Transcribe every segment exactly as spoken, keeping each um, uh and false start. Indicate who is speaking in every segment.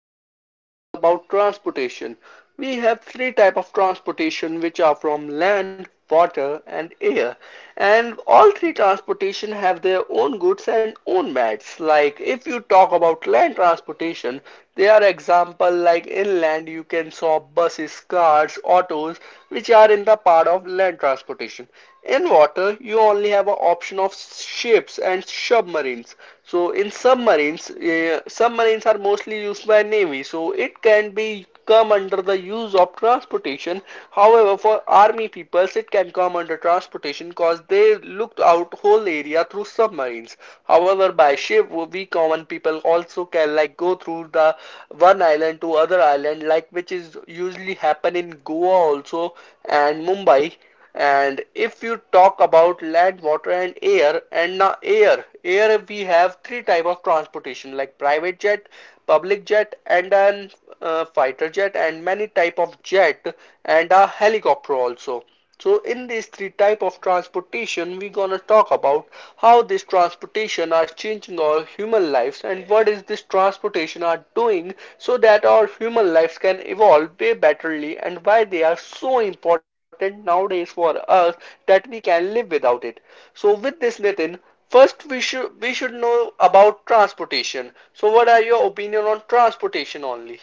Speaker 1: podcast is about transportation. We have three type of transportation which are from land, water and air. And all three transportation have their own goods and own bads. Like if you talk about land transportation, there are example like inland you can saw buses, cars, autos which are in the part of land transportation. In water, you only have an option of ships and submarines. So in submarines, uh, submarines are mostly used by navy. So it can be come under the use of transportation. However, for army peoples, it can come under transportation because they looked out whole area through submarines. However, by ship, we common people also can like go through the one island to other island, like which is usually happen in Goa also and Mumbai. And if you talk about land, water, and air, and now air, air we have three type of transportation like private jet, public jet, and an uh, fighter jet, and many type of jet, and a helicopter also. So in these three type of transportation, we're gonna talk about how this transportation are changing our human lives and what is this transportation are doing so that our human lives can evolve way betterly and why they are so important nowadays for us that we can live without it. So with this Nitin, first we should we should know about transportation. So what are your opinion on transportation only?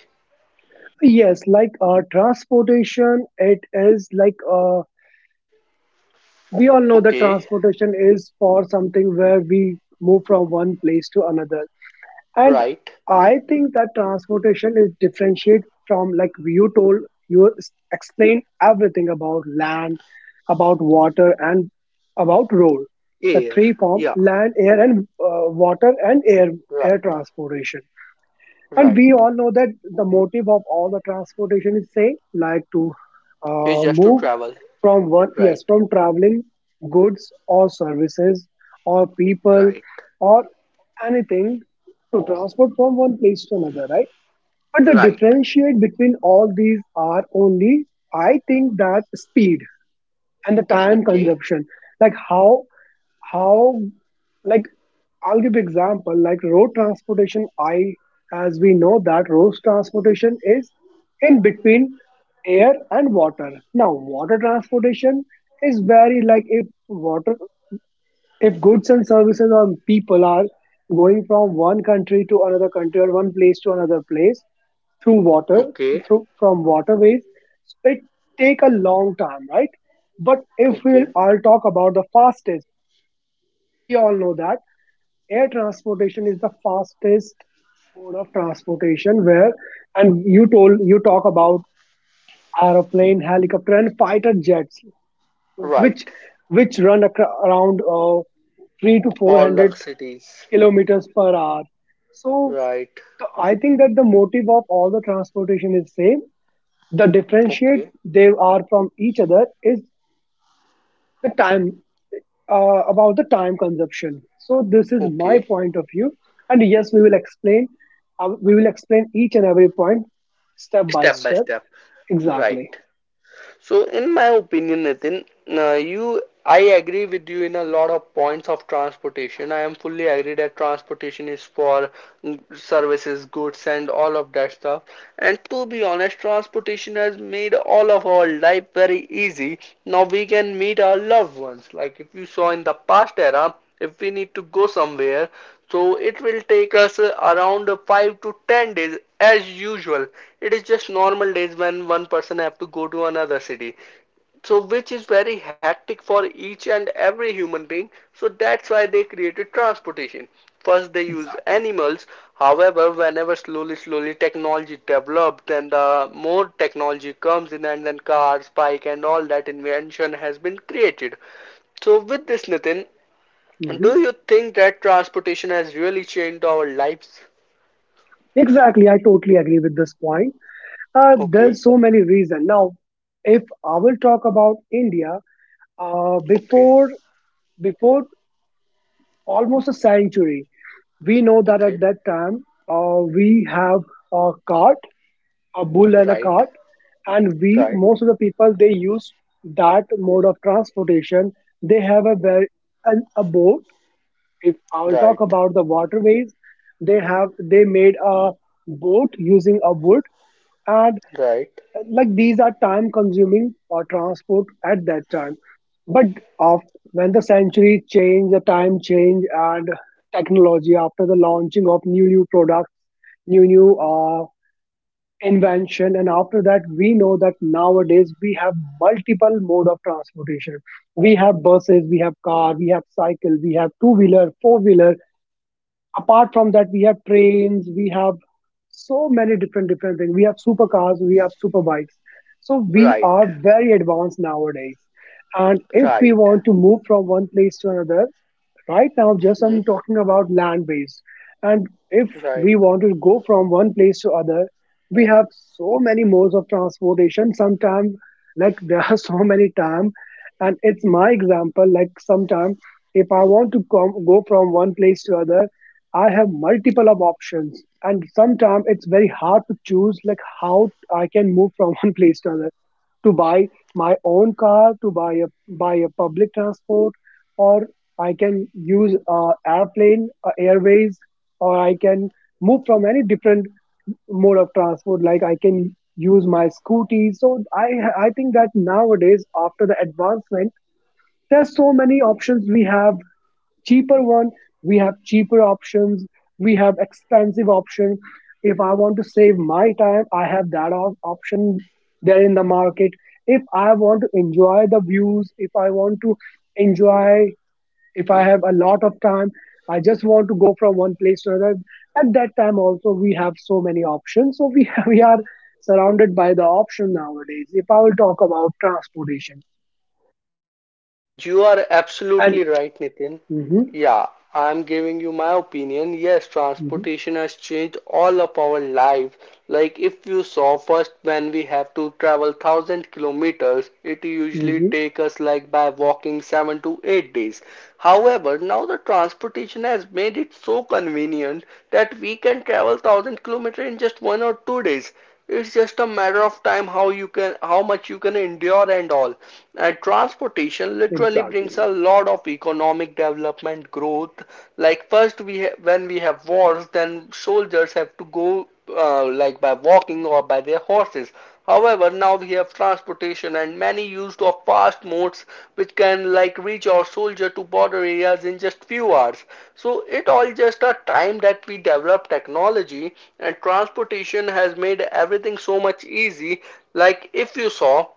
Speaker 2: Yes, like uh, transportation, it is like uh, we all know that
Speaker 1: Okay,
Speaker 2: transportation is for something where we move from one place to another. And
Speaker 1: right.
Speaker 2: I think that transportation is differentiate from like you told, you s- explained everything about land, about water, and about road. The
Speaker 1: Air.
Speaker 2: three form
Speaker 1: Yeah.
Speaker 2: land, air, and uh, water, and air air
Speaker 1: Right.
Speaker 2: transportation. And
Speaker 1: Right.
Speaker 2: we all know that the motive of all the transportation is same, like to
Speaker 1: Is
Speaker 2: uh,
Speaker 1: just to
Speaker 2: move
Speaker 1: travel.
Speaker 2: from one,
Speaker 1: Right.
Speaker 2: yes, from traveling goods or services or people
Speaker 1: Right.
Speaker 2: or anything, to transport from one place to another, right? But the
Speaker 1: Right.
Speaker 2: differentiate between all these are only, I think, that speed and the time
Speaker 1: Okay.
Speaker 2: consumption. Like how how like, I'll give example, like road transportation, I as we know that road transportation is in between air and water. Now water transportation is very, like, if water if goods and services or people are going from one country to another country or one place to another place through water,
Speaker 1: Okay.
Speaker 2: through from waterways, so it take a long time, right? But if we'll
Speaker 1: Okay.
Speaker 2: I'll talk about the fastest. We all know that air transportation is the fastest mode of transportation where, and you told you talk about aeroplane, helicopter, and fighter jets, which
Speaker 1: Right.
Speaker 2: which run acro- around uh, three to
Speaker 1: All the
Speaker 2: four hundred
Speaker 1: cities.
Speaker 2: kilometers per hour. So
Speaker 1: Right.
Speaker 2: the- I think that the motive of all the transportation is same. The differentiate
Speaker 1: Okay.
Speaker 2: they are from each other is the time, uh, about the time consumption. So this is my
Speaker 1: Okay.
Speaker 2: point of view, and yes, we will explain. Uh, we will explain each and every point step by
Speaker 1: Step by
Speaker 2: step.
Speaker 1: step. Right.
Speaker 2: Exactly.
Speaker 1: So, in my opinion, Nitin, uh, you, I agree with you in a lot of points of transportation. I am fully agree that transportation is for mm, services, goods, and all of that stuff. And to be honest, transportation has made all of our life very easy. Now we can meet our loved ones. Like if you saw in the past era, if we need to go somewhere, so it will take us uh, around five to ten days as usual. It is just normal days when one person have to go to another city. So which is very hectic for each and every human being. So that's why they created transportation. First they use
Speaker 2: Exactly.
Speaker 1: animals. However, whenever slowly slowly technology developed, then the more technology comes in and then cars, bike and all that invention has been created. So with this Nitin,
Speaker 2: Mhm.
Speaker 1: do you think that transportation has really changed our lives?
Speaker 2: Exactly, I totally agree with this point. Uh,
Speaker 1: Okay,
Speaker 2: there's so many reasons. Now, if I will talk about India, uh,
Speaker 1: okay,
Speaker 2: before before almost a century, we know that at
Speaker 1: okay.
Speaker 2: that time uh, we have a cart, a bull and a
Speaker 1: Right,
Speaker 2: cart, and we
Speaker 1: right,
Speaker 2: most of the people they use that mode of transportation. They have a very a, a boat. If I'll talk
Speaker 1: right,
Speaker 2: about the waterways, they have they made a boat using a wood. And
Speaker 1: right,
Speaker 2: uh, like, these are time consuming or transport at that time. But of when the centuries change, the time change, and technology, after the launching of new new products, new new uh, invention, and after that, we know that nowadays we have multiple mode of transportation. We have buses, we have car, we have cycle, we have two wheeler, four wheeler. Apart from that, we have trains, we have so many different different things, we have supercars, we have super bikes. So we
Speaker 1: right,
Speaker 2: are very advanced nowadays, and if we
Speaker 1: right,
Speaker 2: want to move from one place to another. Right now, just
Speaker 1: hmm?
Speaker 2: I'm talking about land based. And if
Speaker 1: Right.
Speaker 2: we want to go from one place to other, we have so many modes of transportation. Sometimes, like, there are so many time, and it's my example. Like sometimes, if I want to come, go from one place to other, I have multiple of options, and sometimes it's very hard to choose, like how I can move from one place to other, to buy my own car, to buy a buy a public transport, or I can use uh, airplane, uh, airways, or I can move from any different mode of transport. Like I can use my scooty. So I I think that nowadays, after the advancement, there's so many options. We have cheaper one. We have cheaper options. We have expensive option. If I want to save my time, I have that op- option there in the market. If I want to enjoy the views, if I want to enjoy, if I have a lot of time, I just want to go from one place to another, at that time also we have so many options, so we we are surrounded by the option nowadays, if I will talk about transportation.
Speaker 1: You are
Speaker 2: And
Speaker 1: absolutely right, Nitin.
Speaker 2: hmm.
Speaker 1: Yeah, I'm giving you my opinion. Yes,
Speaker 2: Hmm.
Speaker 1: transportation has changed all of our lives. Like if you saw first when we have to travel one thousand kilometers, it usually
Speaker 2: Hmm.
Speaker 1: take us like by walking seven to eight days. However, now the transportation has made it so convenient that we can travel one thousand kilometers in just one or two days. It's just a matter of time how you can, how much you can endure and all. And transportation literally
Speaker 2: Exactly.
Speaker 1: brings a lot of economic development growth. Like first we ha- when we have wars, then soldiers have to go uh, like by walking or by their horses. However, now we have transportation and many used of fast modes which can like reach our soldier to border areas in just few hours. So it all just a time that we develop technology, and transportation has made everything so much easy. Like if you saw,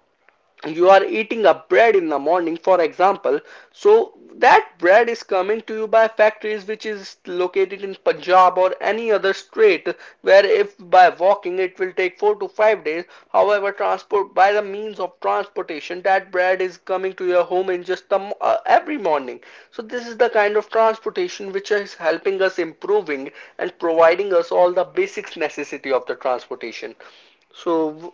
Speaker 1: you are eating a bread in the morning for example, so that bread is coming to you by factories which is located in Punjab or any other state, where if by walking it will take four to five days. However, transport by the means of transportation, that bread is coming to your home in just the, uh, every morning. So this is the kind of transportation which is helping us improving and providing us all the basics necessity of the transportation. So, w-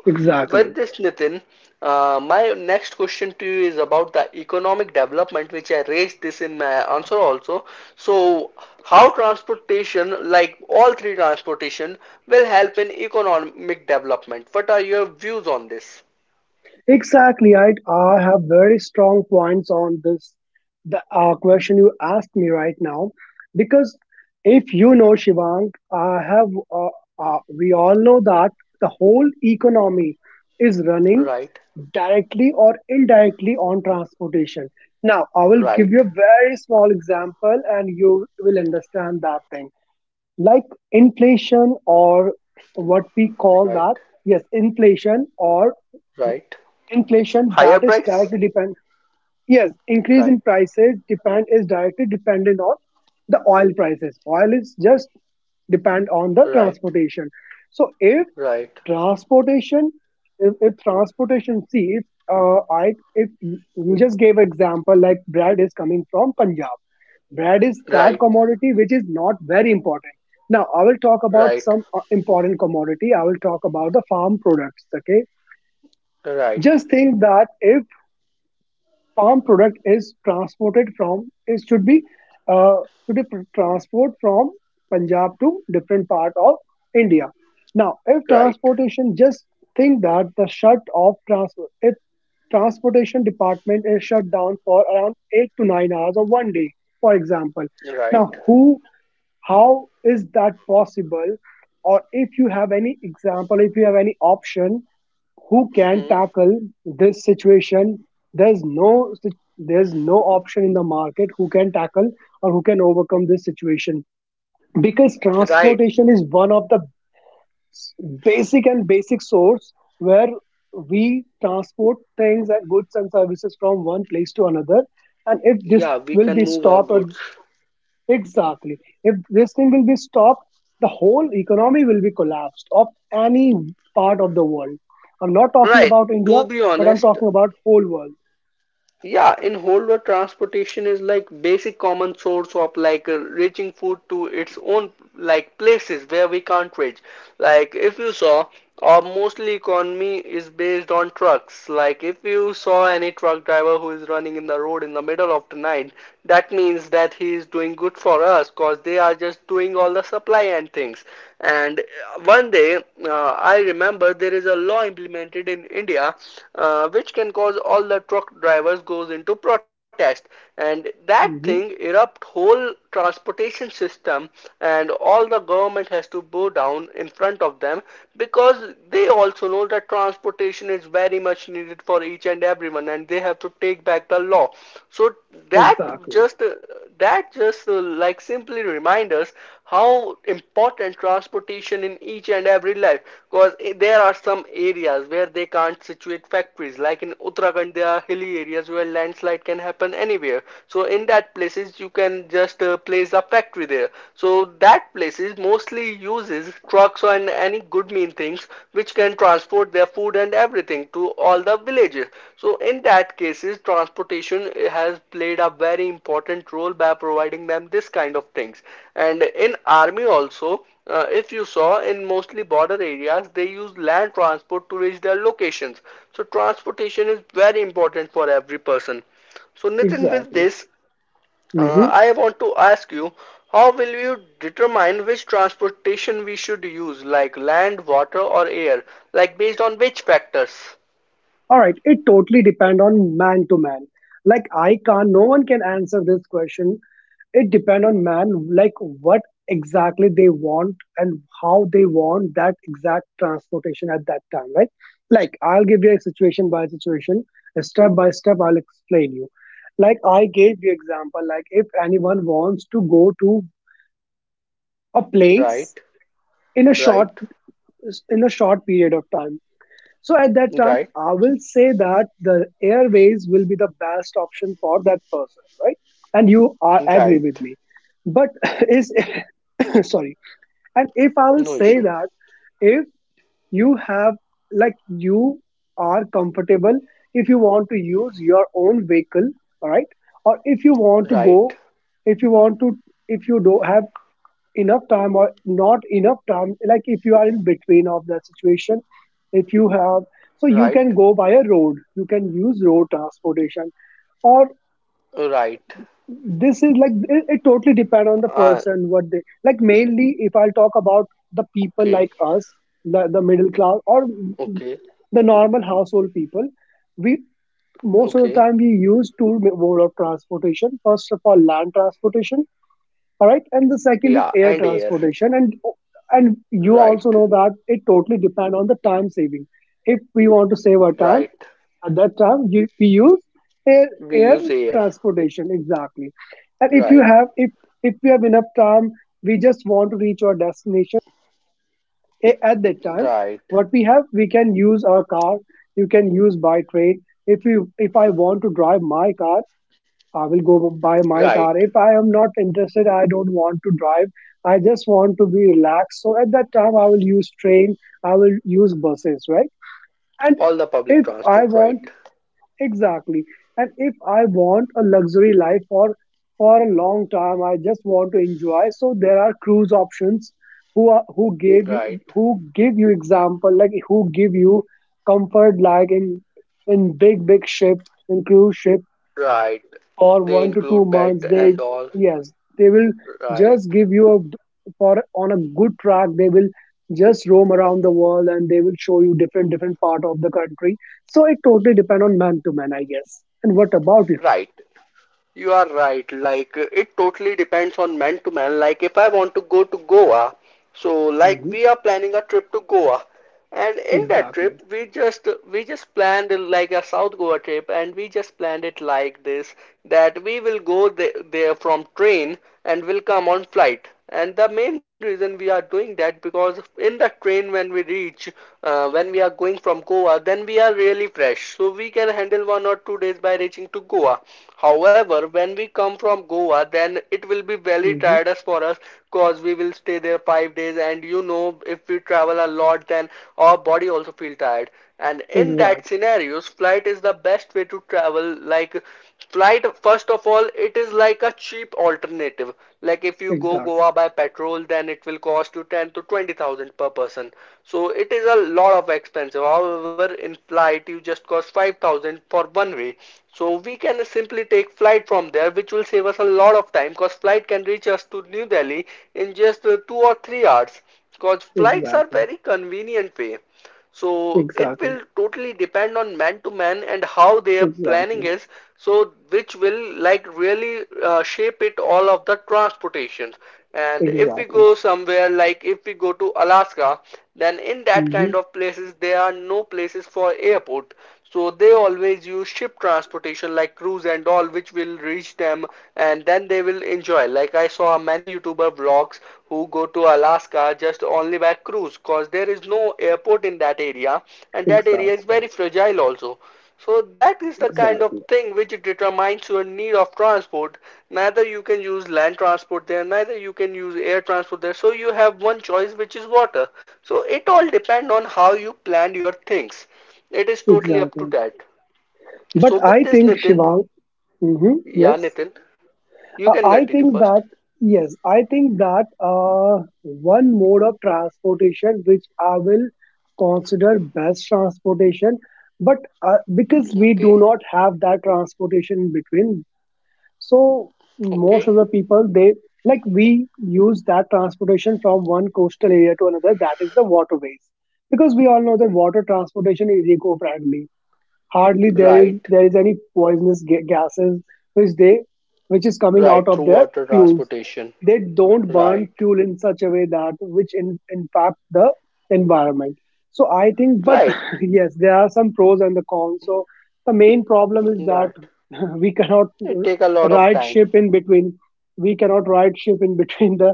Speaker 1: with
Speaker 2: Exactly.
Speaker 1: this, Nitin, uh, my next question to you is about the economic development, which I raised this in my answer also. So, how transportation, like all three transportation, will help in economic development? What are your views on this?
Speaker 2: Exactly. I, I have very strong points on this, the uh, question you asked me right now. Because, if you know, Shivang, I have uh, uh, we all know that the whole economy is running
Speaker 1: Right,
Speaker 2: directly or indirectly on transportation. Now, I will give
Speaker 1: right,
Speaker 2: you a very small example, and you will understand that thing. Like inflation, or what we call
Speaker 1: right,
Speaker 2: that, yes, inflation, or
Speaker 1: right.
Speaker 2: inflation,
Speaker 1: Higher
Speaker 2: that is
Speaker 1: price?
Speaker 2: directly depend. Yes, increase in
Speaker 1: Right,
Speaker 2: prices depend is directly dependent on the oil prices. Oil is just depend on the
Speaker 1: right,
Speaker 2: transportation. So if
Speaker 1: right,
Speaker 2: transportation, if, if transportation, see, if uh, I if you you just gave example like bread is coming from Punjab. Bread is that
Speaker 1: right,
Speaker 2: commodity which is not very important. Now I will talk
Speaker 1: right,
Speaker 2: about some uh, important commodity. I will talk about the farm products, okay?
Speaker 1: right,
Speaker 2: Just think that if farm product is transported from, it should be uh, should be pr- transport from Punjab to different part of India. Now, if
Speaker 1: right,
Speaker 2: transportation, just think that the shut off transport if transportation department is shut down for around eight to nine hours or one day, for example.
Speaker 1: right.
Speaker 2: Now, who, how is that possible? Or if you have any example, if you have any option, who can
Speaker 1: Hmm.
Speaker 2: tackle this situation? There's no sit- there's no option in the market who can tackle or who can overcome this situation, because
Speaker 1: Right.
Speaker 2: transportation is one of the s- basic and basic source where we transport things and goods and services from one place to another, and if this
Speaker 1: Yeah, we
Speaker 2: will
Speaker 1: can
Speaker 2: be
Speaker 1: move our
Speaker 2: stopped, or
Speaker 1: goods.
Speaker 2: Exactly. If this thing will be stopped, the whole economy will be collapsed of any part of the world. I'm not talking
Speaker 1: Right.
Speaker 2: about India,
Speaker 1: To be
Speaker 2: but I'm
Speaker 1: honest,
Speaker 2: talking about whole world.
Speaker 1: yeah, in whole world transportation is like basic common source of like uh, reaching food to its own like places where we can't reach. Like if you saw, our mostly economy is based on trucks. Like if you saw any truck driver who is running in the road in the middle of the night, that means that he is doing good for us, cause they are just doing all the supply and things. And uh, one day, uh, I remember there is a law implemented in India uh, which can cause all the truck drivers goes into protest, and that thing
Speaker 2: Hmm.
Speaker 1: erupt whole transportation system, and all the government has to bow down in front of them because they also know that transportation is very much needed for each and everyone, and they have to take back the law. So that
Speaker 2: Exactly.
Speaker 1: just uh, that just uh, like simply remind us how important transportation in each and every life, because there are some areas where they can't situate factories, like in Uttarakhand there are hilly areas where landslide can happen anywhere, so in that places you can just uh, place a factory there. So that places mostly uses trucks and any good mean things which can transport their food and everything to all the villages. So in that cases transportation has played a very important role by providing them this kind of things. And in army also, uh, if you saw in mostly border areas, they use land transport to reach their locations. So transportation is very important for every person. So Nitin, with
Speaker 2: Exactly.
Speaker 1: this, uh,
Speaker 2: Hmm.
Speaker 1: I want to ask you, how will you determine which transportation we should use, like land, water, or air, like based on which factors?
Speaker 2: All right. It totally depend on man to man. Like I can't. No one can answer this question. It depend on man, like what exactly they want and how they want that exact transportation at that time, right? Like I'll give you a situation by situation, step by step I'll explain you. Like I gave you example, like if anyone wants to go to a place
Speaker 1: Right,
Speaker 2: in a short
Speaker 1: right,
Speaker 2: in a short period of time, so at that time
Speaker 1: right,
Speaker 2: I will say that the airways will be the best option for that person, right? And you are agree
Speaker 1: right.
Speaker 2: with me. But is sorry. And if I will
Speaker 1: No
Speaker 2: say
Speaker 1: issue.
Speaker 2: that, if you have, like, you are comfortable, if you want to use your own vehicle, all right, or if you want to go,
Speaker 1: Right,
Speaker 2: if you want to, if you don't have enough time or not enough time, like if you are in between of the situation, if you have, so you
Speaker 1: right,
Speaker 2: can go by a road, you can use road transportation. Or
Speaker 1: right.
Speaker 2: this is like, it, it totally depend on the
Speaker 1: Uh,
Speaker 2: person what they like. Mainly if I'll talk about the people
Speaker 1: okay.
Speaker 2: like us, the, the middle class or
Speaker 1: Okay,
Speaker 2: the normal household people, we, most of the
Speaker 1: okay.
Speaker 2: time we use two mode of transportation. First of all, land transportation, all right, and the second is
Speaker 1: Yeah,
Speaker 2: air
Speaker 1: and air.
Speaker 2: transportation. And and you also
Speaker 1: Right,
Speaker 2: know that it totally depend on the time saving. If we want to save our time,
Speaker 1: right.
Speaker 2: at that time, you, we use air
Speaker 1: We
Speaker 2: air
Speaker 1: use air.
Speaker 2: transportation, exactly. And if you
Speaker 1: Right,
Speaker 2: have, if if we have enough time, we just want to reach our destination a- at that time.
Speaker 1: right,
Speaker 2: What we have, we can use our car. You can use by train. If you if I want to drive my car, I will go buy my
Speaker 1: right.
Speaker 2: car. If I am not interested, I don't want to drive. I just want to be relaxed. So at that time, I will use train. I will use buses, right? And
Speaker 1: All the public
Speaker 2: if I
Speaker 1: transport, right,
Speaker 2: want Exactly. And if I want a luxury life, for for a long time, I just want to enjoy. So there are cruise options, who are, who gave you
Speaker 1: right,
Speaker 2: who give you example, like who give you comfort, like in in big big ship, in cruise ship,
Speaker 1: right.
Speaker 2: for
Speaker 1: They
Speaker 2: one to two
Speaker 1: include bed
Speaker 2: months they,
Speaker 1: and all.
Speaker 2: yes, they will
Speaker 1: Right,
Speaker 2: just give you a, for on a good track, they will just roam around the world and they will show you different different part of the country. So it totally depend on man to man, I guess. And what about you?
Speaker 1: right. You are right. Like it totally depends on man to man. Like if I want to go to Goa, so like
Speaker 2: Hmm.
Speaker 1: we are planning a trip to Goa, and in that
Speaker 2: Exactly.
Speaker 1: trip we just we just planned like a South Goa trip, and we just planned it like this, that we will go the- there from train and will come on flight. And the main reason we are doing that because in the train when we reach, uh, when we are going from Goa, then we are really fresh, so we can handle one or two days by reaching reaching to Goa. However, when we come from Goa, then it will be very
Speaker 2: Hmm.
Speaker 1: tiredous for us because we will stay there five days, and you know if we travel a lot, then our body also feel tired, and in that
Speaker 2: Exactly.
Speaker 1: scenarios flight is the best way to travel. Like, flight, first of all, it is like a cheap alternative. Like if you go
Speaker 2: Exactly.
Speaker 1: Goa by petrol, then it will cost you ten to twenty thousand per person. So it is a lot of expensive. However, in flight, you just cost five thousand for one way. So we can simply take flight from there, which will save us a lot of time because flight can reach us to New Delhi in just uh, two or three hours. Because flights are
Speaker 2: Exactly.
Speaker 1: very convenient way, so it
Speaker 2: Exactly.
Speaker 1: will totally depend on man to man and how their planning
Speaker 2: Exactly.
Speaker 1: is. So which will like really uh, shape it all of the transportations. And if we
Speaker 2: Exactly.
Speaker 1: go somewhere, like if we go to Alaska, then in that
Speaker 2: Hmm.
Speaker 1: kind of places there are no places for airport, so they always use ship transportation like cruise and all, which will reach them, and then they will enjoy. Like I saw many YouTuber vlogs who go to Alaska just only by cruise because there is no airport in that area, and that area is
Speaker 2: Exactly.
Speaker 1: very fragile also. So that is the kind of
Speaker 2: Exactly.
Speaker 1: thing which determines your need of transport. Neither you can use land transport there, neither you can use air transport there. So you have one choice which is water. So it all depends on how you plan your things. It is totally up to
Speaker 2: Exactly.
Speaker 1: that.
Speaker 2: But
Speaker 1: So
Speaker 2: I
Speaker 1: with this,
Speaker 2: think,
Speaker 1: Nitin,
Speaker 2: Shivang, hmm,
Speaker 1: yeah,
Speaker 2: yes.
Speaker 1: Nitin, you
Speaker 2: Uh,
Speaker 1: can
Speaker 2: I
Speaker 1: continue
Speaker 2: think
Speaker 1: first.
Speaker 2: that, yes, I think that uh, one mode of transportation which I will consider best transportation, but uh, because we
Speaker 1: Okay,
Speaker 2: do not have that transportation in between, so most
Speaker 1: okay.
Speaker 2: of the people they like we use that transportation from one coastal area to another. That is the waterways, because we all know that water transportation is eco-friendly. Hardly there is
Speaker 1: Right,
Speaker 2: there is any poisonous ga- gases which they which is coming out
Speaker 1: right.
Speaker 2: of
Speaker 1: Through
Speaker 2: their
Speaker 1: water
Speaker 2: fuels.
Speaker 1: transportation.
Speaker 2: They don't burn
Speaker 1: Right,
Speaker 2: fuel in such a way that which in, impact the environment. So I think, but
Speaker 1: right,
Speaker 2: yes, there are some pros and the cons. So the main problem is that,
Speaker 1: right.
Speaker 2: we cannot
Speaker 1: It
Speaker 2: r-
Speaker 1: take a lot of
Speaker 2: ride
Speaker 1: time.
Speaker 2: ship in between we cannot ride ship in between the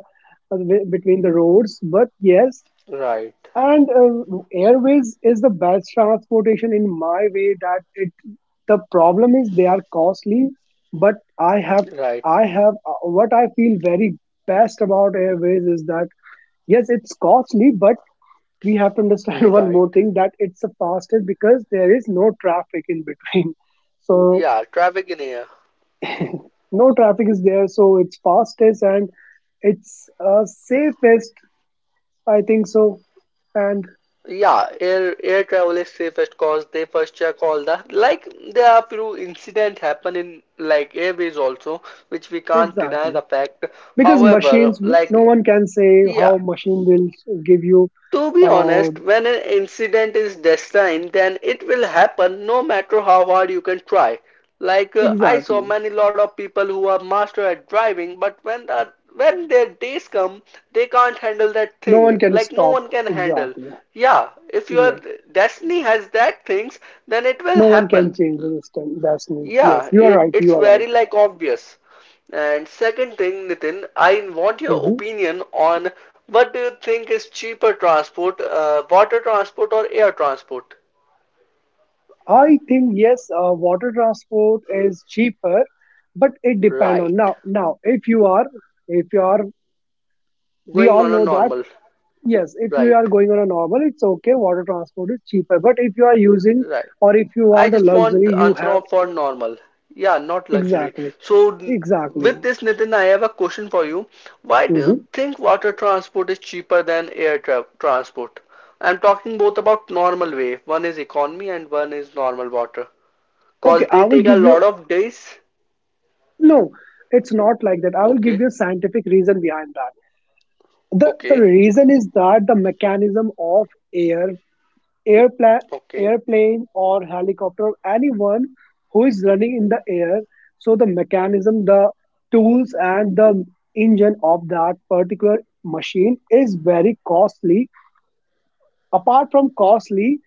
Speaker 2: uh, wi- between the roads, but yes.
Speaker 1: Right,
Speaker 2: And uh, airways is the best transportation in my way that it, the problem is they are costly. But I have
Speaker 1: right,
Speaker 2: I have uh, what I feel very best about Airways is that yes, it's costly, but we have to understand one more
Speaker 1: right.
Speaker 2: thing that it's the fastest because there is no traffic in between. So
Speaker 1: Yeah, traffic in air.
Speaker 2: no traffic is there, so it's fastest and it's uh, safest, I think so. And
Speaker 1: Yeah, air air travel is safest, cause they first check all the, like, there are few incident happen in, like, airways also, which we can't deny
Speaker 2: exactly.
Speaker 1: the fact.
Speaker 2: Because
Speaker 1: However,
Speaker 2: machines, no
Speaker 1: like,
Speaker 2: one can say
Speaker 1: yeah.
Speaker 2: how machine will give you,
Speaker 1: To be
Speaker 2: uh,
Speaker 1: honest, when an incident is destined, then it will happen no matter how hard you can try. Like, uh, I saw
Speaker 2: exactly.
Speaker 1: many lot of people who are master at driving, but when the when their days come, they can't handle that
Speaker 2: No one
Speaker 1: thing.
Speaker 2: can
Speaker 1: Like, no
Speaker 2: stop.
Speaker 1: one can handle.
Speaker 2: Exactly.
Speaker 1: Yeah, if your
Speaker 2: Exactly.
Speaker 1: destiny has that things, then it will
Speaker 2: No one can
Speaker 1: happen.
Speaker 2: change the system. Destiny. Yes,
Speaker 1: Yeah,
Speaker 2: you are
Speaker 1: it,
Speaker 2: right.
Speaker 1: it's
Speaker 2: You are right.
Speaker 1: very, like, obvious. And second thing, Nitin, I want your
Speaker 2: hmm
Speaker 1: opinion on what do you think is cheaper transport, uh, water transport or air transport?
Speaker 2: I think yes. Uh, water transport is cheaper, but it depend on
Speaker 1: Right.
Speaker 2: now. Now, if you are, if you are, we
Speaker 1: Going
Speaker 2: all
Speaker 1: on a
Speaker 2: know that.
Speaker 1: normal.
Speaker 2: Yes, if you are
Speaker 1: Right.
Speaker 2: going on a normal, it's okay. Water transport is cheaper. But if you are using,
Speaker 1: Right.
Speaker 2: or if you
Speaker 1: I
Speaker 2: want a
Speaker 1: just want
Speaker 2: luxury, you have.
Speaker 1: answer for normal. Yeah, not luxury.
Speaker 2: Exactly,
Speaker 1: So
Speaker 2: exactly.
Speaker 1: with this, Nitin, I have a question for you. Why do you
Speaker 2: hmm
Speaker 1: think water transport is cheaper than air tra transport? I'm talking both about normal way. One is economy and one is normal water.
Speaker 2: Okay,
Speaker 1: Cause
Speaker 2: I
Speaker 1: they
Speaker 2: will
Speaker 1: take a
Speaker 2: give you.
Speaker 1: lot of days.
Speaker 2: No, it's not like that. I will give
Speaker 1: Okay,
Speaker 2: you a scientific reason behind that. The the
Speaker 1: okay,
Speaker 2: reason is that the mechanism of air airplane
Speaker 1: okay.
Speaker 2: airplane or helicopter, anyone who is running in the air. So the mechanism, the tools and the engine of that particular machine is very costly. Apart from costly,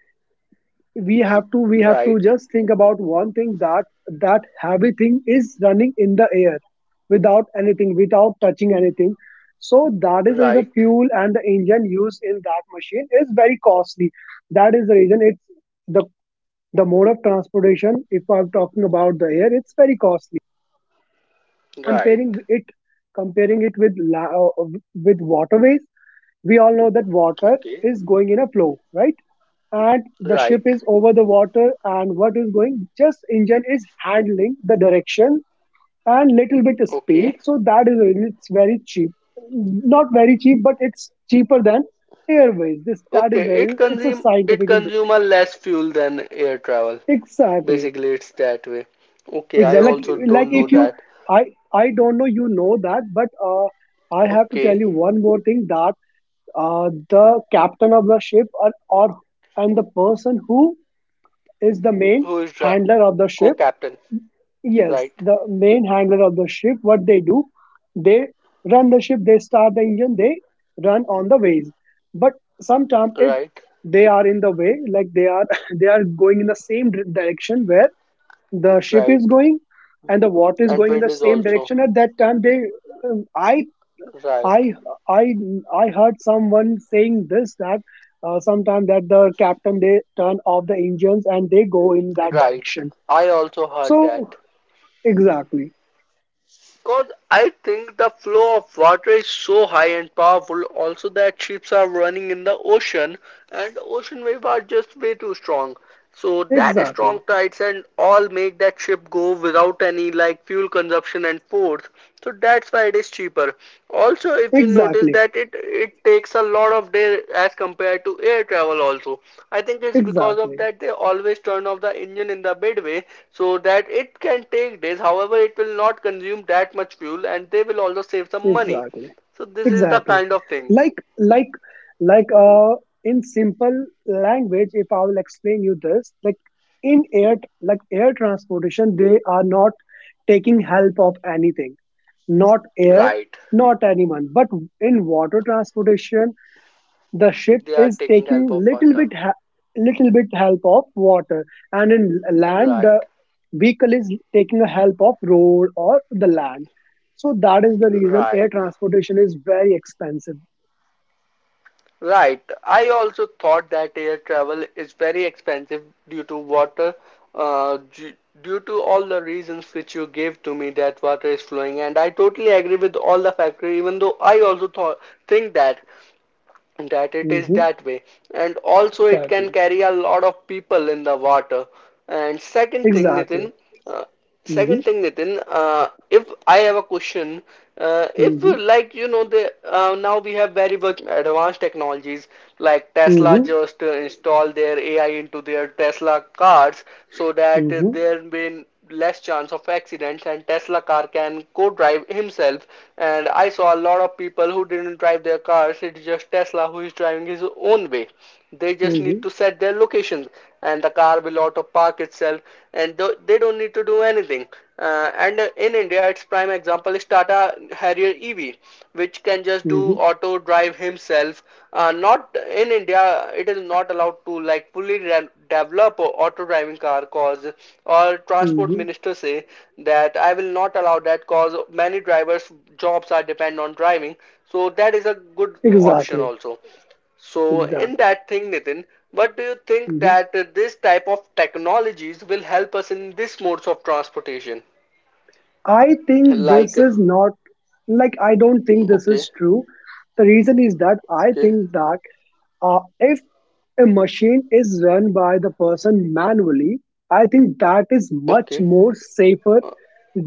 Speaker 2: we have to we have to
Speaker 1: Right,
Speaker 2: just think about one thing, that that heavy thing is running in the air, without anything, without touching anything. So that is the reason
Speaker 1: right,
Speaker 2: fuel and the engine used in that machine is very costly. That is the reason it's the the mode of transportation. If I'm talking about the air, it's very costly,
Speaker 1: right.
Speaker 2: comparing it, comparing it with la- uh, with waterways. We all know that water
Speaker 1: Okay,
Speaker 2: is going in a flow, right? And the
Speaker 1: right.
Speaker 2: ship is over the water, and what is going, just engine is handling the direction and little bit of speed.
Speaker 1: Okay.
Speaker 2: So that is really, it's very cheap. Not very cheap, but it's cheaper than airways. This, that
Speaker 1: Okay,
Speaker 2: is the,
Speaker 1: it
Speaker 2: it's a
Speaker 1: consume it
Speaker 2: scientific in
Speaker 1: consume
Speaker 2: between.
Speaker 1: a less fuel than air travel.
Speaker 2: Exactly.
Speaker 1: Basically, it's that way. Okay, I
Speaker 2: Exactly.
Speaker 1: also
Speaker 2: Like like,
Speaker 1: don't know
Speaker 2: if you,
Speaker 1: that.
Speaker 2: i i don't know you know that, but uh I have to tell
Speaker 1: Okay,
Speaker 2: you one more thing, that uh the captain of the ship, or, or and the person who is the main
Speaker 1: who is dri-
Speaker 2: handler of the ship.
Speaker 1: co-captain?
Speaker 2: Yes,
Speaker 1: Right,
Speaker 2: the main handler of the ship, what they do, they run the ship, they start the engine, they run on the ways. But sometimes if
Speaker 1: right,
Speaker 2: they are in the way, like they are they are going in the same dir- direction where the ship is
Speaker 1: right.
Speaker 2: going, and the water is
Speaker 1: And
Speaker 2: going in the
Speaker 1: wind is
Speaker 2: same
Speaker 1: also
Speaker 2: direction. At that time, they, um, I
Speaker 1: right,
Speaker 2: I I I heard someone saying this, that uh, sometime that the captain, they turn off the engines and they go in that
Speaker 1: right.
Speaker 2: direction.
Speaker 1: I also heard
Speaker 2: So
Speaker 1: that.
Speaker 2: exactly.
Speaker 1: Because I think the flow of water is so high and powerful, also that ships are running in the ocean, and ocean waves are just way too strong. So that is strong
Speaker 2: Exactly.
Speaker 1: tides and all make that ship go without any, like, fuel consumption and force. So that's why it is cheaper. Also, if you notice
Speaker 2: Exactly.
Speaker 1: that it it takes a lot of day as compared to air travel also. I think it's because of
Speaker 2: Exactly.
Speaker 1: that they always turn off the engine in the midway so that it can take days. However, it will not consume that much fuel and they will also save some money.
Speaker 2: Exactly.
Speaker 1: So this is the
Speaker 2: Exactly.
Speaker 1: kind of thing.
Speaker 2: Like like like uh in simple language, if I will explain you this, like in air, like air transportation, they are not taking help of anything. Not air,
Speaker 1: Right.
Speaker 2: not anyone. But in water transportation, the ship
Speaker 1: They are
Speaker 2: is
Speaker 1: taking help
Speaker 2: taking
Speaker 1: of
Speaker 2: little
Speaker 1: water.
Speaker 2: bit ha- little bit help of water. And in land, the
Speaker 1: Right.
Speaker 2: vehicle is taking a help of road or the land. So that is the reason air
Speaker 1: Right.
Speaker 2: transportation is very expensive.
Speaker 1: Right. I also thought that air travel is very expensive due to water, uh, d- due to all the reasons which you gave to me that water is flowing, and I totally agree with all the factor, even though I also thought think that that it is
Speaker 2: Hmm.
Speaker 1: that way, and also it can
Speaker 2: Exactly.
Speaker 1: carry a lot of people in the water. And second thing, Nitin,
Speaker 2: Exactly.
Speaker 1: uh,
Speaker 2: Hmm.
Speaker 1: second thing nitin uh, if I have a question, uh, if
Speaker 2: Hmm.
Speaker 1: like you know the uh, now we have very much advanced technologies, like Tesla
Speaker 2: Hmm.
Speaker 1: just uh, install their AI into their Tesla cars, so that uh,
Speaker 2: Hmm.
Speaker 1: there been less chance of accidents, and Tesla car can co-drive himself. And I saw a lot of people who didn't drive their cars, it's just Tesla who is driving his own way. They just need
Speaker 2: Hmm.
Speaker 1: to set their locations, and the car will auto park itself, and th- they don't need to do anything. Uh, and uh, In India, its prime example is Tata Harrier E V, which can just do
Speaker 2: Hmm.
Speaker 1: auto drive himself. Uh, not in India, it is not allowed to, like, fully re- develop a auto driving car, cause our transport
Speaker 2: Hmm.
Speaker 1: minister say that I will not allow that, cause many drivers jobs are depend on driving. So that is a good option
Speaker 2: Exactly.
Speaker 1: also. So in
Speaker 2: Exactly.
Speaker 1: that thing, Nitin, what do you think
Speaker 2: Hmm.
Speaker 1: that uh, this type of technologies will help us in this modes of transportation?
Speaker 2: I think
Speaker 1: Like,
Speaker 2: this is not, like, I don't think this
Speaker 1: okay,
Speaker 2: is true. The reason is that I
Speaker 1: okay,
Speaker 2: think that, Uh, if a machine is run by the person manually, I think that is much
Speaker 1: okay.
Speaker 2: more safer
Speaker 1: Uh,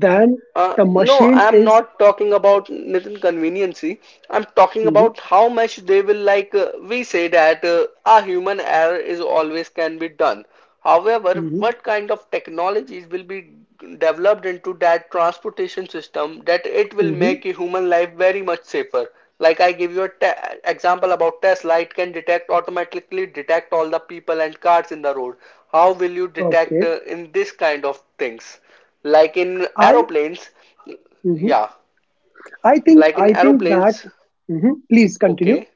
Speaker 2: than
Speaker 1: uh,
Speaker 2: the
Speaker 1: no,
Speaker 2: machine
Speaker 1: I'm
Speaker 2: is.
Speaker 1: not talking about Nitin conveniency. I'm talking
Speaker 2: Mhm.
Speaker 1: about how much they will, like. Uh, we say that uh, a human error is always can be done. However,
Speaker 2: Mhm.
Speaker 1: what kind of technologies will be developed into that transportation system that it will
Speaker 2: Mhm.
Speaker 1: make a human life very much safer? Like, I give you a te example about Tesla, it can detect automatically detect all the people and cars in the road. How will you detect
Speaker 2: Okay,
Speaker 1: uh, in this kind of things? Like in
Speaker 2: I,
Speaker 1: aeroplanes
Speaker 2: mhm.
Speaker 1: Yeah.
Speaker 2: I think
Speaker 1: like in
Speaker 2: I think that.
Speaker 1: aeroplanes
Speaker 2: Mhm. Please continue.
Speaker 1: Okay.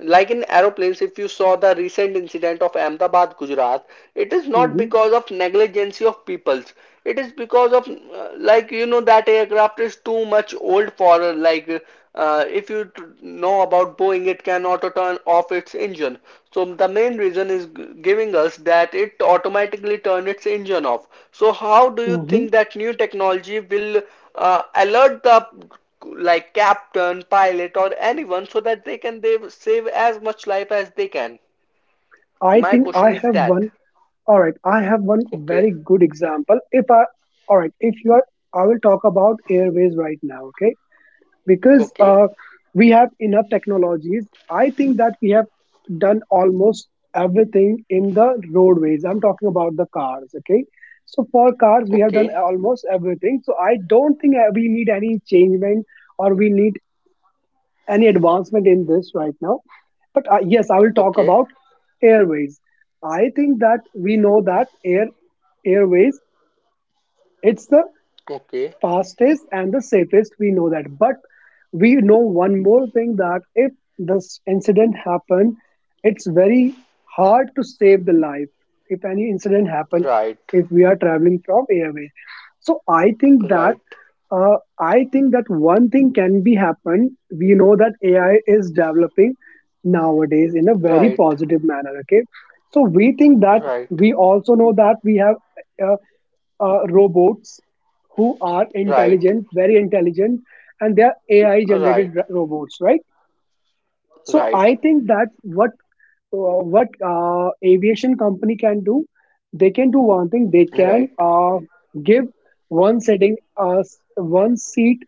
Speaker 1: Like in aeroplanes, if you saw the recent incident of Ahmedabad, Gujarat, it is not
Speaker 2: Mhm.
Speaker 1: because of negligence of peoples. It is because of uh, like, you know that aircraft is too much old, for, like, uh, if you know about Boeing, it can auto turn off its engine. So the main reason is giving us that it automatically turn its engine off. So how do you
Speaker 2: Mhm.
Speaker 1: think that new technology will uh, alert the, like, captain, pilot, or anyone so that they can they save as much life as they can.
Speaker 2: I
Speaker 1: My
Speaker 2: think I
Speaker 1: question is
Speaker 2: have
Speaker 1: that.
Speaker 2: one. All right, I have one
Speaker 1: Okay,
Speaker 2: very good example. If I, all right, if you are, I will talk about airways right now. Okay, because
Speaker 1: okay,
Speaker 2: uh, we have enough technologies. I think that we have done almost everything in the roadways. I'm talking about the cars, okay? So for cars, we have done
Speaker 1: okay,
Speaker 2: almost everything. So I don't think uh, we need any changement or we need any advancement in this right now. But uh, yes, I will talk
Speaker 1: okay,
Speaker 2: about airways. I think that we know that air airways. It's the
Speaker 1: okay.
Speaker 2: fastest and the safest, we know that. But we know one more thing, that if this incident happened, it's very hard to save the life if any incident happen,
Speaker 1: Right,
Speaker 2: if we are traveling from airways. So i think that
Speaker 1: right,
Speaker 2: uh, i think that one thing can be happened. We know that AI is developing nowadays in a
Speaker 1: right,
Speaker 2: very
Speaker 1: right,
Speaker 2: positive manner, okay. So we think that we also know that we have uh, uh, robots who are
Speaker 1: right, right,
Speaker 2: intelligent, very intelligent, and they are A I generated
Speaker 1: right,
Speaker 2: r- robots, right? So
Speaker 1: right,
Speaker 2: I think that what uh, what uh, aviation company can do, they can do one thing. They can uh, give one setting, uh, s- one seat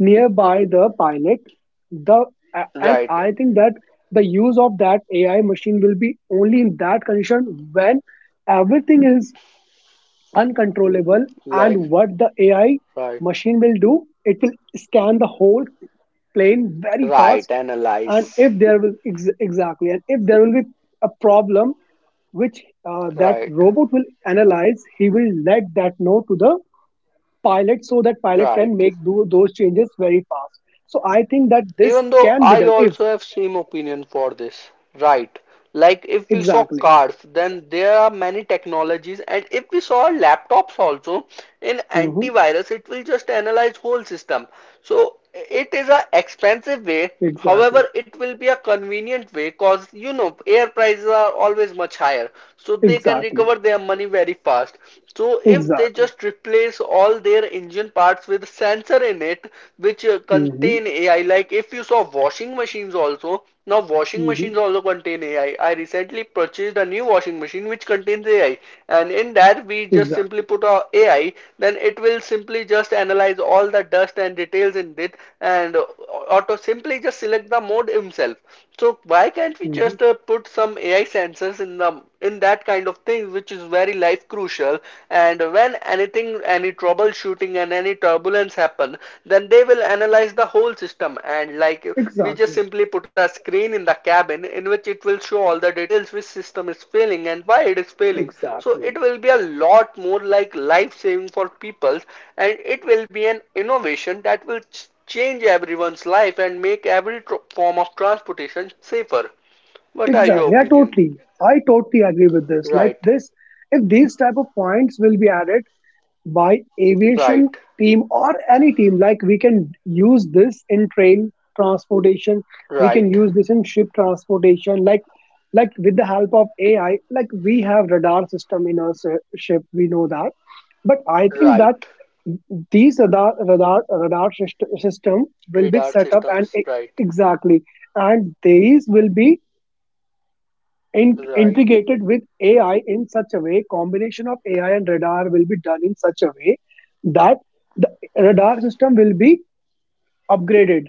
Speaker 2: nearby the pilot. The a- and
Speaker 1: right,
Speaker 2: I think that the use of that A I machine will be only in that condition when everything is uncontrollable. And
Speaker 1: like,
Speaker 2: what the AI
Speaker 1: right,
Speaker 2: machine will do, it will scan the whole plane very
Speaker 1: right,
Speaker 2: fast.
Speaker 1: analyze,
Speaker 2: And if there will ex- exactly, and if there will be a problem, which uh, that
Speaker 1: right,
Speaker 2: robot will analyze, he will let that know to the pilot, so that pilot
Speaker 1: right.
Speaker 2: can make do those changes very fast. So I think that this
Speaker 1: Even though
Speaker 2: can be
Speaker 1: I
Speaker 2: done if,
Speaker 1: also have same opinion for this, right? Like, if we saw
Speaker 2: exactly.
Speaker 1: cars, then there are many technologies, and if we saw laptops also in
Speaker 2: Hmm.
Speaker 1: antivirus, it will just analyze whole system. So it is a expensive way.
Speaker 2: Exactly.
Speaker 1: However, it will be a convenient way because, you know air prices are always much higher, so they can
Speaker 2: Exactly.
Speaker 1: recover their money very fast. So if they
Speaker 2: Exactly.
Speaker 1: just replace all their engine parts with sensor in it which uh,
Speaker 2: Hmm.
Speaker 1: contain A I, like if you saw washing machines also, now washing
Speaker 2: Hmm.
Speaker 1: machines also contain A I. I I recently purchased a new washing machine which contains A I, and in that we just simply
Speaker 2: Exactly.
Speaker 1: put our A I, then it will simply just analyze all the dust and details in it, and uh, auto simply just select the mode himself. So why can't we
Speaker 2: Hmm.
Speaker 1: just uh, put some A I sensors in the in that kind of thing which is very life crucial, and when anything, any troubleshooting and any turbulence happen, then they will analyze the whole system, and, like, we just
Speaker 2: Exactly.
Speaker 1: simply put a screen in the cabin in which it will show all the details which system is failing and why it is failing. So it
Speaker 2: Exactly.
Speaker 1: will be a lot more, like, life saving for people, and it will be an innovation that will change everyone's life and make every form of transportation safer. What are your
Speaker 2: Exactly. Yeah,
Speaker 1: opinion?
Speaker 2: totally. I totally agree with this. Like
Speaker 1: Right.
Speaker 2: this, if these type of points will be added by aviation
Speaker 1: Right,
Speaker 2: team or any team, like we can use this in train transportation, we can
Speaker 1: right,
Speaker 2: use this in ship transportation, like like with the help of A I, like we have radar system in our s- ship, we know that. But I think that
Speaker 1: right.
Speaker 2: these radar radar radar syst- system will be
Speaker 1: Radar
Speaker 2: set up and
Speaker 1: systems,
Speaker 2: e-
Speaker 1: right,
Speaker 2: exactly. And these will be in,
Speaker 1: right,
Speaker 2: integrated with A I in such a way, combination of A I and radar will be done in such a way, that the radar system will be upgraded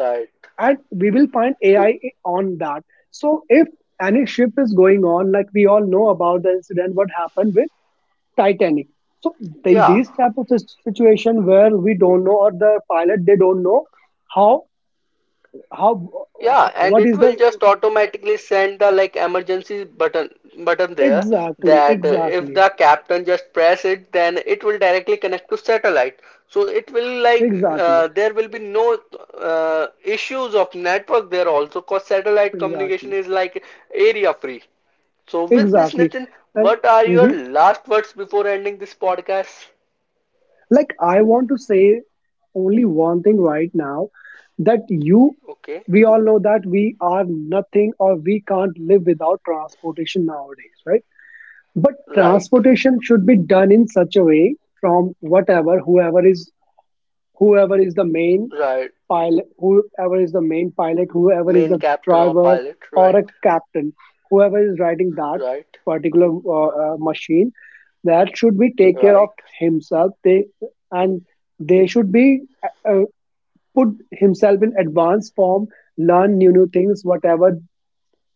Speaker 1: right.
Speaker 2: and we will find
Speaker 1: To
Speaker 2: A I on that. So if any ship is going on, like we all know about the incident, what happened with Titanic. So they,
Speaker 1: yeah,
Speaker 2: these type of sis- situation where we don't know, or the pilot they don't know how how,
Speaker 1: yeah, and
Speaker 2: what
Speaker 1: it
Speaker 2: is the,
Speaker 1: will just automatically send the, like, emergency button button there,
Speaker 2: exactly,
Speaker 1: that uh, if
Speaker 2: exactly,
Speaker 1: the captain just press it, then it will directly connect to satellite. So it will, like,
Speaker 2: exactly,
Speaker 1: uh, there will be no uh, issues of network there also, cause satellite communication
Speaker 2: exactly.
Speaker 1: is, like, area free. So, with this,
Speaker 2: Exactly.
Speaker 1: Nitin,
Speaker 2: And,
Speaker 1: what are your
Speaker 2: mhm.
Speaker 1: last words before ending this podcast?
Speaker 2: Like, I want to say only one thing right now, that you,
Speaker 1: Okay,
Speaker 2: we all know that we are nothing or we can't live without transportation nowadays, right? But
Speaker 1: right,
Speaker 2: transportation should be done in such a way from whatever, whoever is whoever is the main
Speaker 1: right.
Speaker 2: pilot, whoever is the main pilot whoever is
Speaker 1: Main
Speaker 2: the
Speaker 1: captain or
Speaker 2: driver
Speaker 1: pilot,
Speaker 2: or
Speaker 1: right,
Speaker 2: a captain, whoever is riding that
Speaker 1: right,
Speaker 2: particular uh, uh, machine, that should be take care of
Speaker 1: right,
Speaker 2: himself. They, and they should be uh, uh, put himself in advanced form, learn new new things, whatever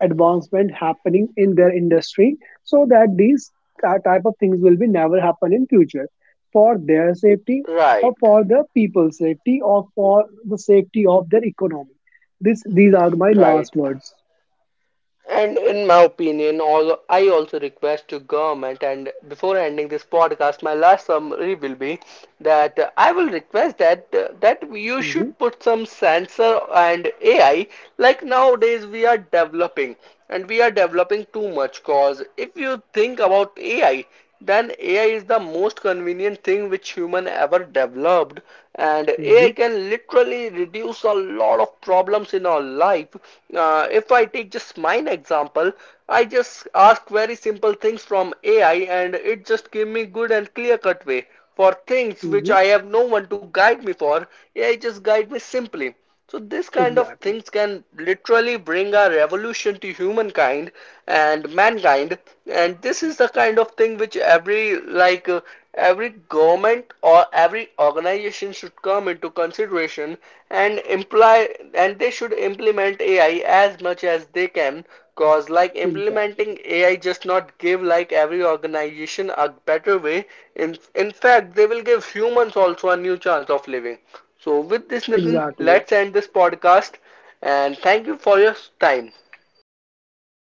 Speaker 2: advancement happening in their industry, so that these ty- type of things will be never happen in future, for their safety or
Speaker 1: right,
Speaker 2: for the people's safety or for the safety of their economy. This, these are my last
Speaker 1: right.
Speaker 2: words.
Speaker 1: And in my opinion, all I also request to government, and before ending this podcast, my last summary will be that uh, I will request that uh, that you
Speaker 2: Hmm.
Speaker 1: should put some sensor and A I. Like nowadays, we are developing, and we are developing too much. Cause if you think about A I, then A I is the most convenient thing which human ever developed, and
Speaker 2: Hmm.
Speaker 1: A I can literally reduce a lot of problems in our life. Uh, if I take just mine example, I just ask very simple things from A I and it just give me good and clear cut way for things which
Speaker 2: Hmm.
Speaker 1: I have no one to guide me for. A I just guide me simply. So this kind of
Speaker 2: Exactly.
Speaker 1: things can literally bring a revolution to humankind and mankind, and this is the kind of thing which every, like, uh, every government or every organization should come into consideration and imply and they should implement A I as much as they can. Cause like
Speaker 2: Exactly.
Speaker 1: implementing A I just not give like every organization a better way. In in fact, they will give humans also a new chance of living. So, with this, Nathan,
Speaker 2: Exactly.
Speaker 1: let's end this podcast and thank you for your time.
Speaker 2: Thank you.